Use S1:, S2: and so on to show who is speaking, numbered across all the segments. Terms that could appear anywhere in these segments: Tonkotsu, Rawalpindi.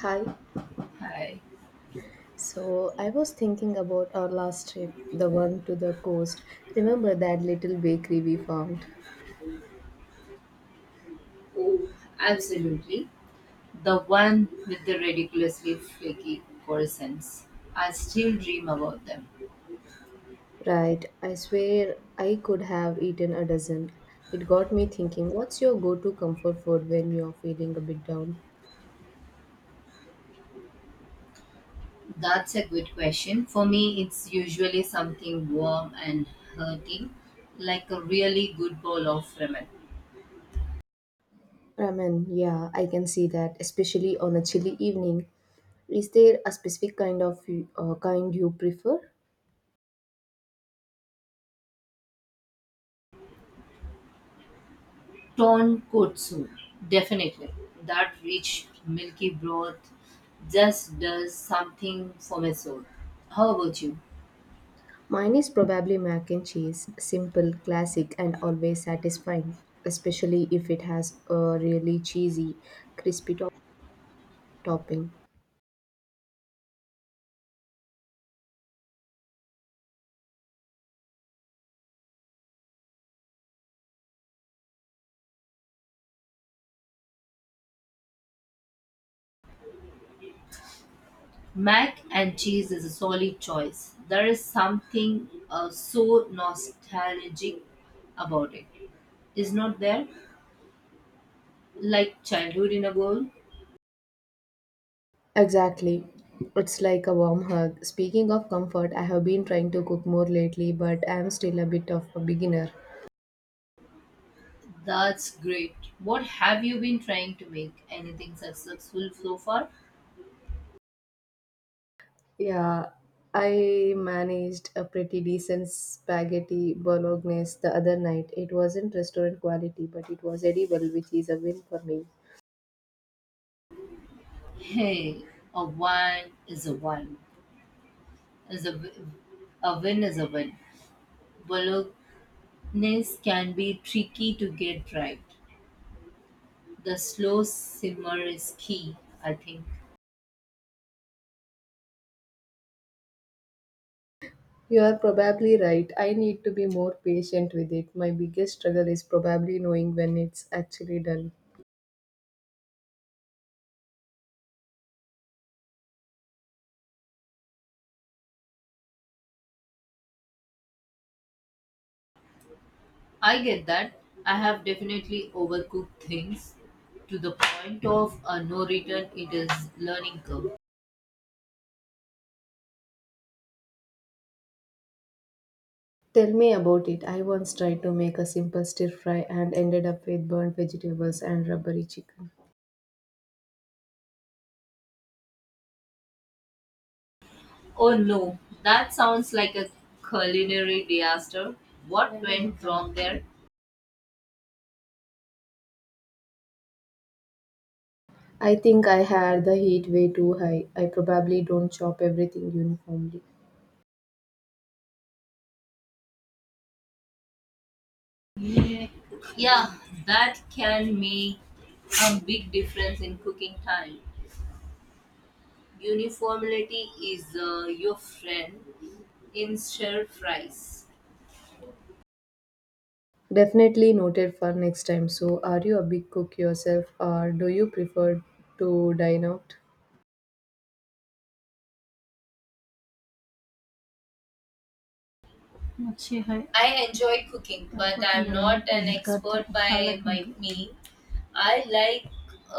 S1: Hi.
S2: Hi.
S1: So I was thinking about our last trip, the one to the coast. Remember that little bakery we found?
S2: Oh, absolutely. The one with the ridiculously flaky croissants. I still dream about them.
S1: Right. I swear I could have eaten a dozen. It got me thinking, what's your go to comfort food when you're feeling a bit down?
S2: That's a good question. For me, it's usually something warm and hearty, like a really good bowl of ramen.
S1: Ramen. Yeah, I can see that, especially on a chilly evening. Is there a specific kind of kind you prefer?
S2: Tonkotsu, definitely. That rich, milky broth just does something for my soul. How about you?
S1: Mine is probably mac and cheese, simple, classic, and always satisfying, especially if it has a really cheesy, crispy topping.
S2: Mac and cheese is a solid choice. There is something so nostalgic about it, is not there? Like childhood in a bowl.
S1: Exactly. It's like a warm hug. Speaking of comfort, I have been trying to cook more lately, but I am still a bit of a beginner.
S2: That's great. What have you been trying to make? Anything successful so far?
S1: Yeah, I managed a pretty decent spaghetti bolognese the other night. It wasn't restaurant quality, but it was edible, which is a win for me.
S2: Hey, a win is a win. Is a wi- a win is a win. Bolognese can be tricky to get right. The slow simmer is key, I think.
S1: You are probably right. I need to be more patient with it. My biggest struggle is probably knowing when it's actually done.
S2: I get that. I have definitely overcooked things to the point of a no return. It is learning curve.
S1: Tell me about it. I once tried to make a simple stir fry and ended up with burnt vegetables and rubbery chicken.
S2: Oh no, that sounds like a culinary disaster. What went wrong there?
S1: I think I had the heat way too high. I probably don't chop everything uniformly.
S2: Yeah, that can make a big difference in cooking time. Uniformity is your friend in stir fries.
S1: Definitely noted for next time. So, are you a big cook yourself or do you prefer to dine out?
S2: अच्छे है। I enjoy cooking, मैं but आपको I'm cooking not an नहीं करती expert अच्छा by हालांकि my me. I like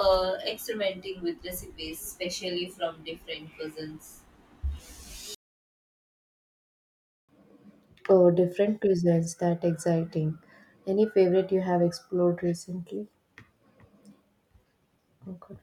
S2: experimenting with recipes, especially from different cuisines.
S1: Oh, different cuisines, that exciting. Any favorite you have explored recently? Oh, God.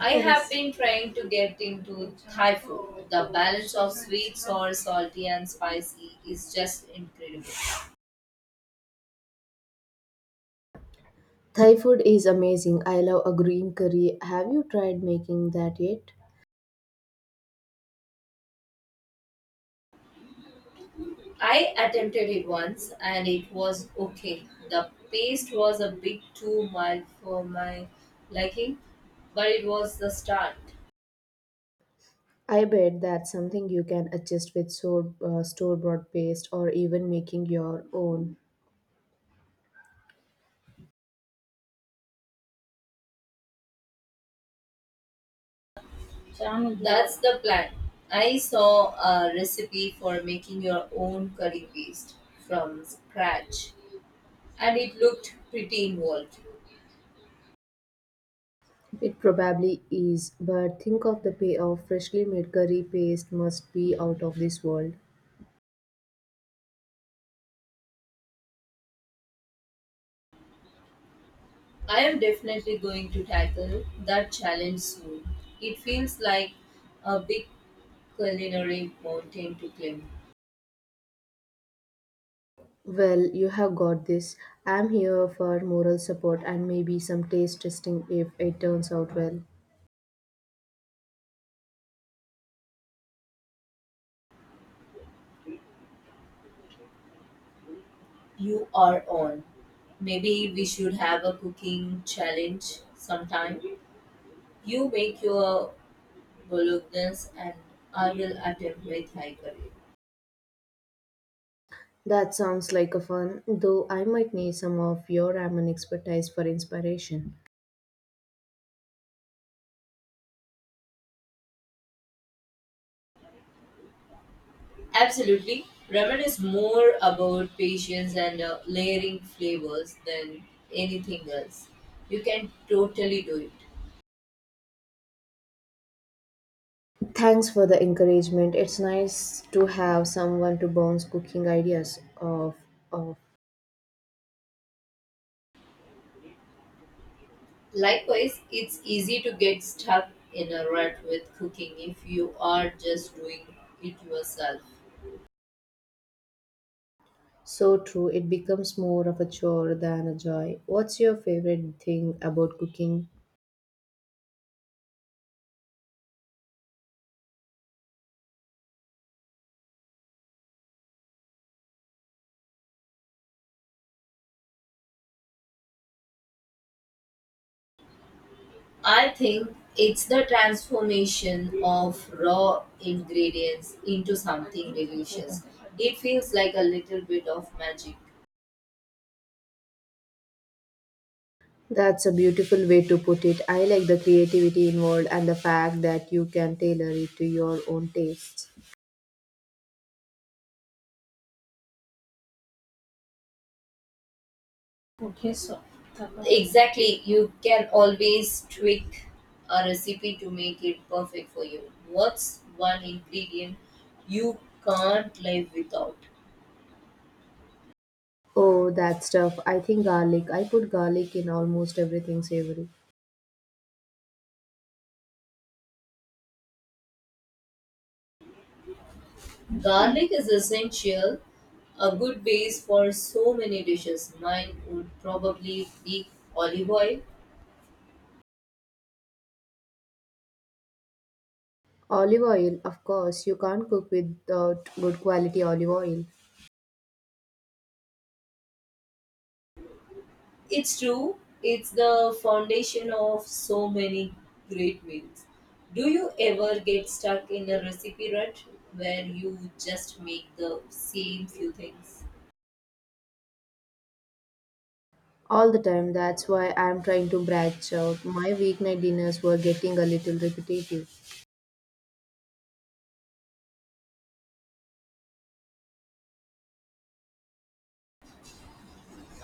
S2: I have yes been trying to get into Thai food. The balance of sweet, sour, salty, and spicy is just incredible.
S1: Thai food is amazing. I love a green curry. Have you tried making that yet?
S2: I attempted it once and it was okay. The paste was a bit too mild for my liking, but it was the start.
S1: I bet that's something you can adjust with so, store-bought paste or even making your own.
S2: That's the plan. I saw a recipe for making your own curry paste from scratch and it looked pretty involved.
S1: It probably is, but think of the payoff. Freshly made curry paste must be out of this world.
S2: I am definitely going to tackle that challenge soon. It feels like a big culinary mountain to climb.
S1: Well, you have got this. I'm here for moral support and maybe some taste testing if it turns out well.
S2: You are on. Maybe we should have a cooking challenge sometime. You make your bolognese and I will attempt with high curry.
S1: That sounds like a fun, though I might need some of your ramen expertise for inspiration.
S2: Absolutely. Ramen is more about patience and layering flavors than anything else. You can totally do it.
S1: Thanks for the encouragement. It's nice to have someone to bounce cooking ideas off of.
S2: Likewise, it's easy to get stuck in a rut with cooking if you are just doing it yourself.
S1: So true, it becomes more of a chore than a joy. What's your favorite thing about cooking?
S2: I think it's the transformation of raw ingredients into something delicious. It feels like a little bit of magic.
S1: That's a beautiful way to put it. I like the creativity involved and the fact that you can tailor it to your own tastes.
S2: Okay, so tamam. Exactly, you can always tweak a recipe to make it perfect for you. What's one ingredient you can't live without?
S1: Oh, that stuff. I think garlic. I put garlic in almost everything savory.
S2: Garlic is essential, a good base for so many dishes. Mine would probably be olive oil.
S1: Olive oil, of course, you can't cook without good quality olive oil
S2: It's true. It's the foundation of so many great meals. Do you ever get stuck in a recipe rut where you just make the same few things?
S1: all the time. That's why I'm trying to branch out. My weeknight dinners were getting a little repetitive.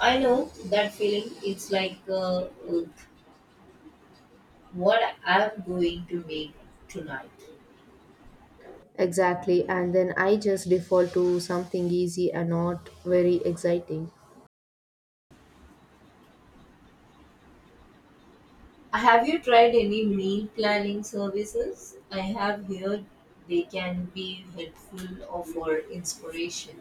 S2: I know that feeling. It's like what I'm going to make tonight.
S1: Exactly, and then I just default to something easy and not very exciting.
S2: Have you tried any meal planning services? I have heard they can be helpful or for inspiration.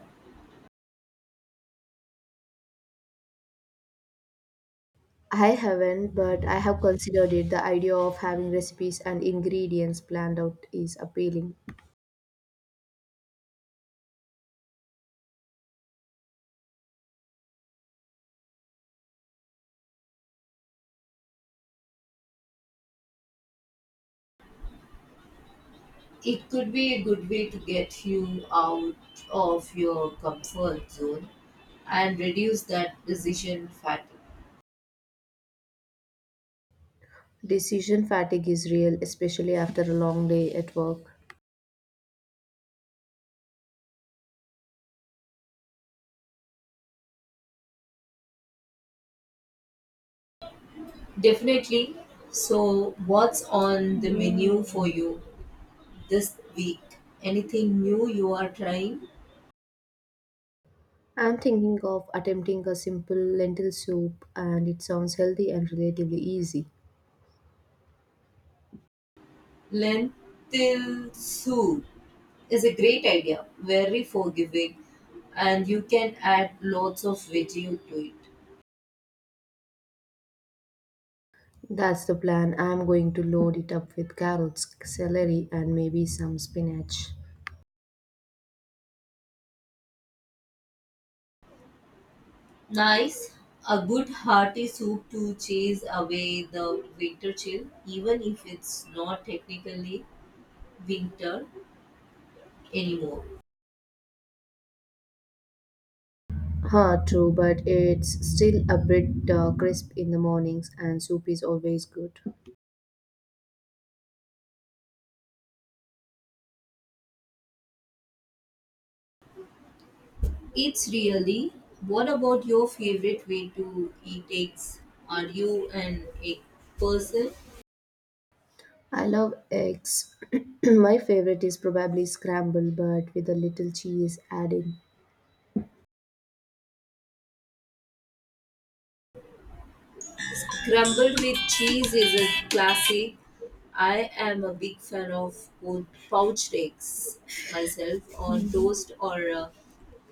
S1: I haven't, but I have considered it. The idea of having recipes and ingredients planned out is appealing.
S2: It could be a good way to get you out of your comfort zone and reduce that decision fatigue.
S1: Decision fatigue is real, especially after a long day at work.
S2: Definitely. So, what's on the menu for you this week? Anything new you are trying?
S1: I'm thinking of attempting a simple lentil soup, and it sounds healthy and relatively easy.
S2: Lentil soup is a great idea, very forgiving, and you can add lots of veggie to it.
S1: That's the plan. I'm going to load it up with carrots, celery, and maybe some spinach.
S2: Nice. A good hearty soup to chase away the winter chill, even if it's not technically winter anymore.
S1: Huh, true, but it's still a bit crisp in the mornings, and soup is always good.
S2: It's really. What about your favorite way to eat eggs? Are you an egg person?
S1: I love eggs. My favorite is probably scrambled, but with a little cheese added.
S2: Crumbled with cheese is a classic. I am a big fan of both poached eggs myself, on toast or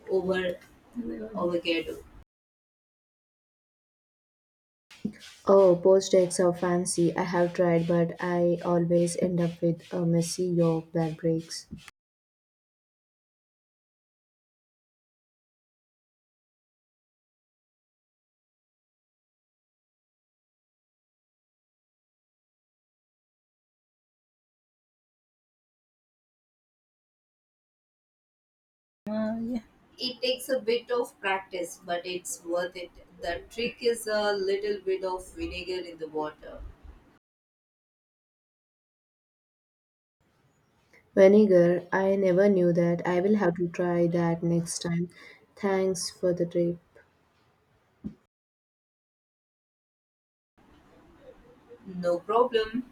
S2: over avocado.
S1: Oh, poached eggs are fancy. I have tried, but I always end up with a messy yolk that breaks.
S2: Yeah. It takes a bit of practice, but it's worth it. The trick is a little bit of vinegar in the water.
S1: Vinegar, I never knew that. I will have to try that next time. Thanks for the tip.
S2: No problem.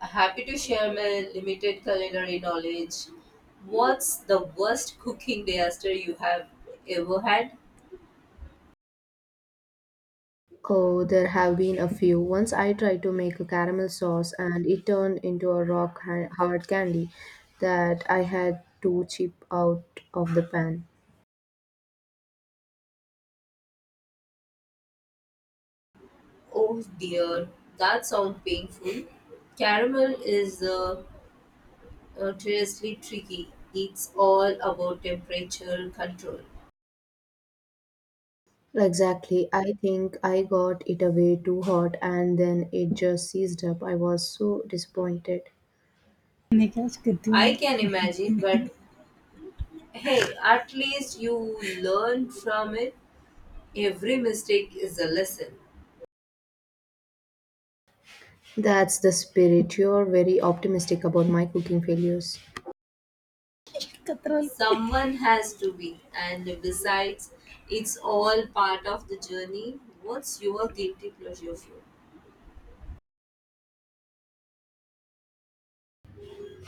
S2: Happy to share my limited culinary knowledge. What's the worst cooking disaster you have ever had?
S1: Oh, there have been a few. Once I tried to make a caramel sauce and it turned into a rock hard candy that I had to chip out of the pan.
S2: Oh dear, that sounds painful. Caramel is notoriously tricky. It's all about temperature control.
S1: Exactly. I think I got it away too hot and then it just seized up. I was so disappointed.
S2: I can imagine, but hey, at least you learn from it. Every mistake is a lesson.
S1: That's the spirit. You're very optimistic about my cooking failures.
S2: Katrol. Someone has to be, and besides, it's all part of the journey. What's your guilty pleasure food?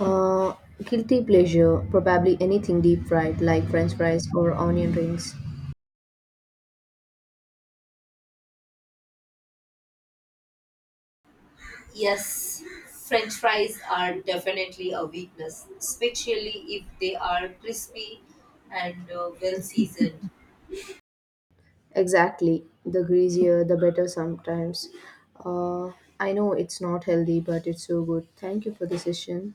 S1: Uh, guilty pleasure. Probably anything deep fried, like french fries or onion rings.
S2: Yes, French fries are definitely a weakness, especially if they are crispy and well seasoned.
S1: Exactly. The greasier, the better sometimes. Uh, I know it's not healthy, but it's so good. Thank you for the session.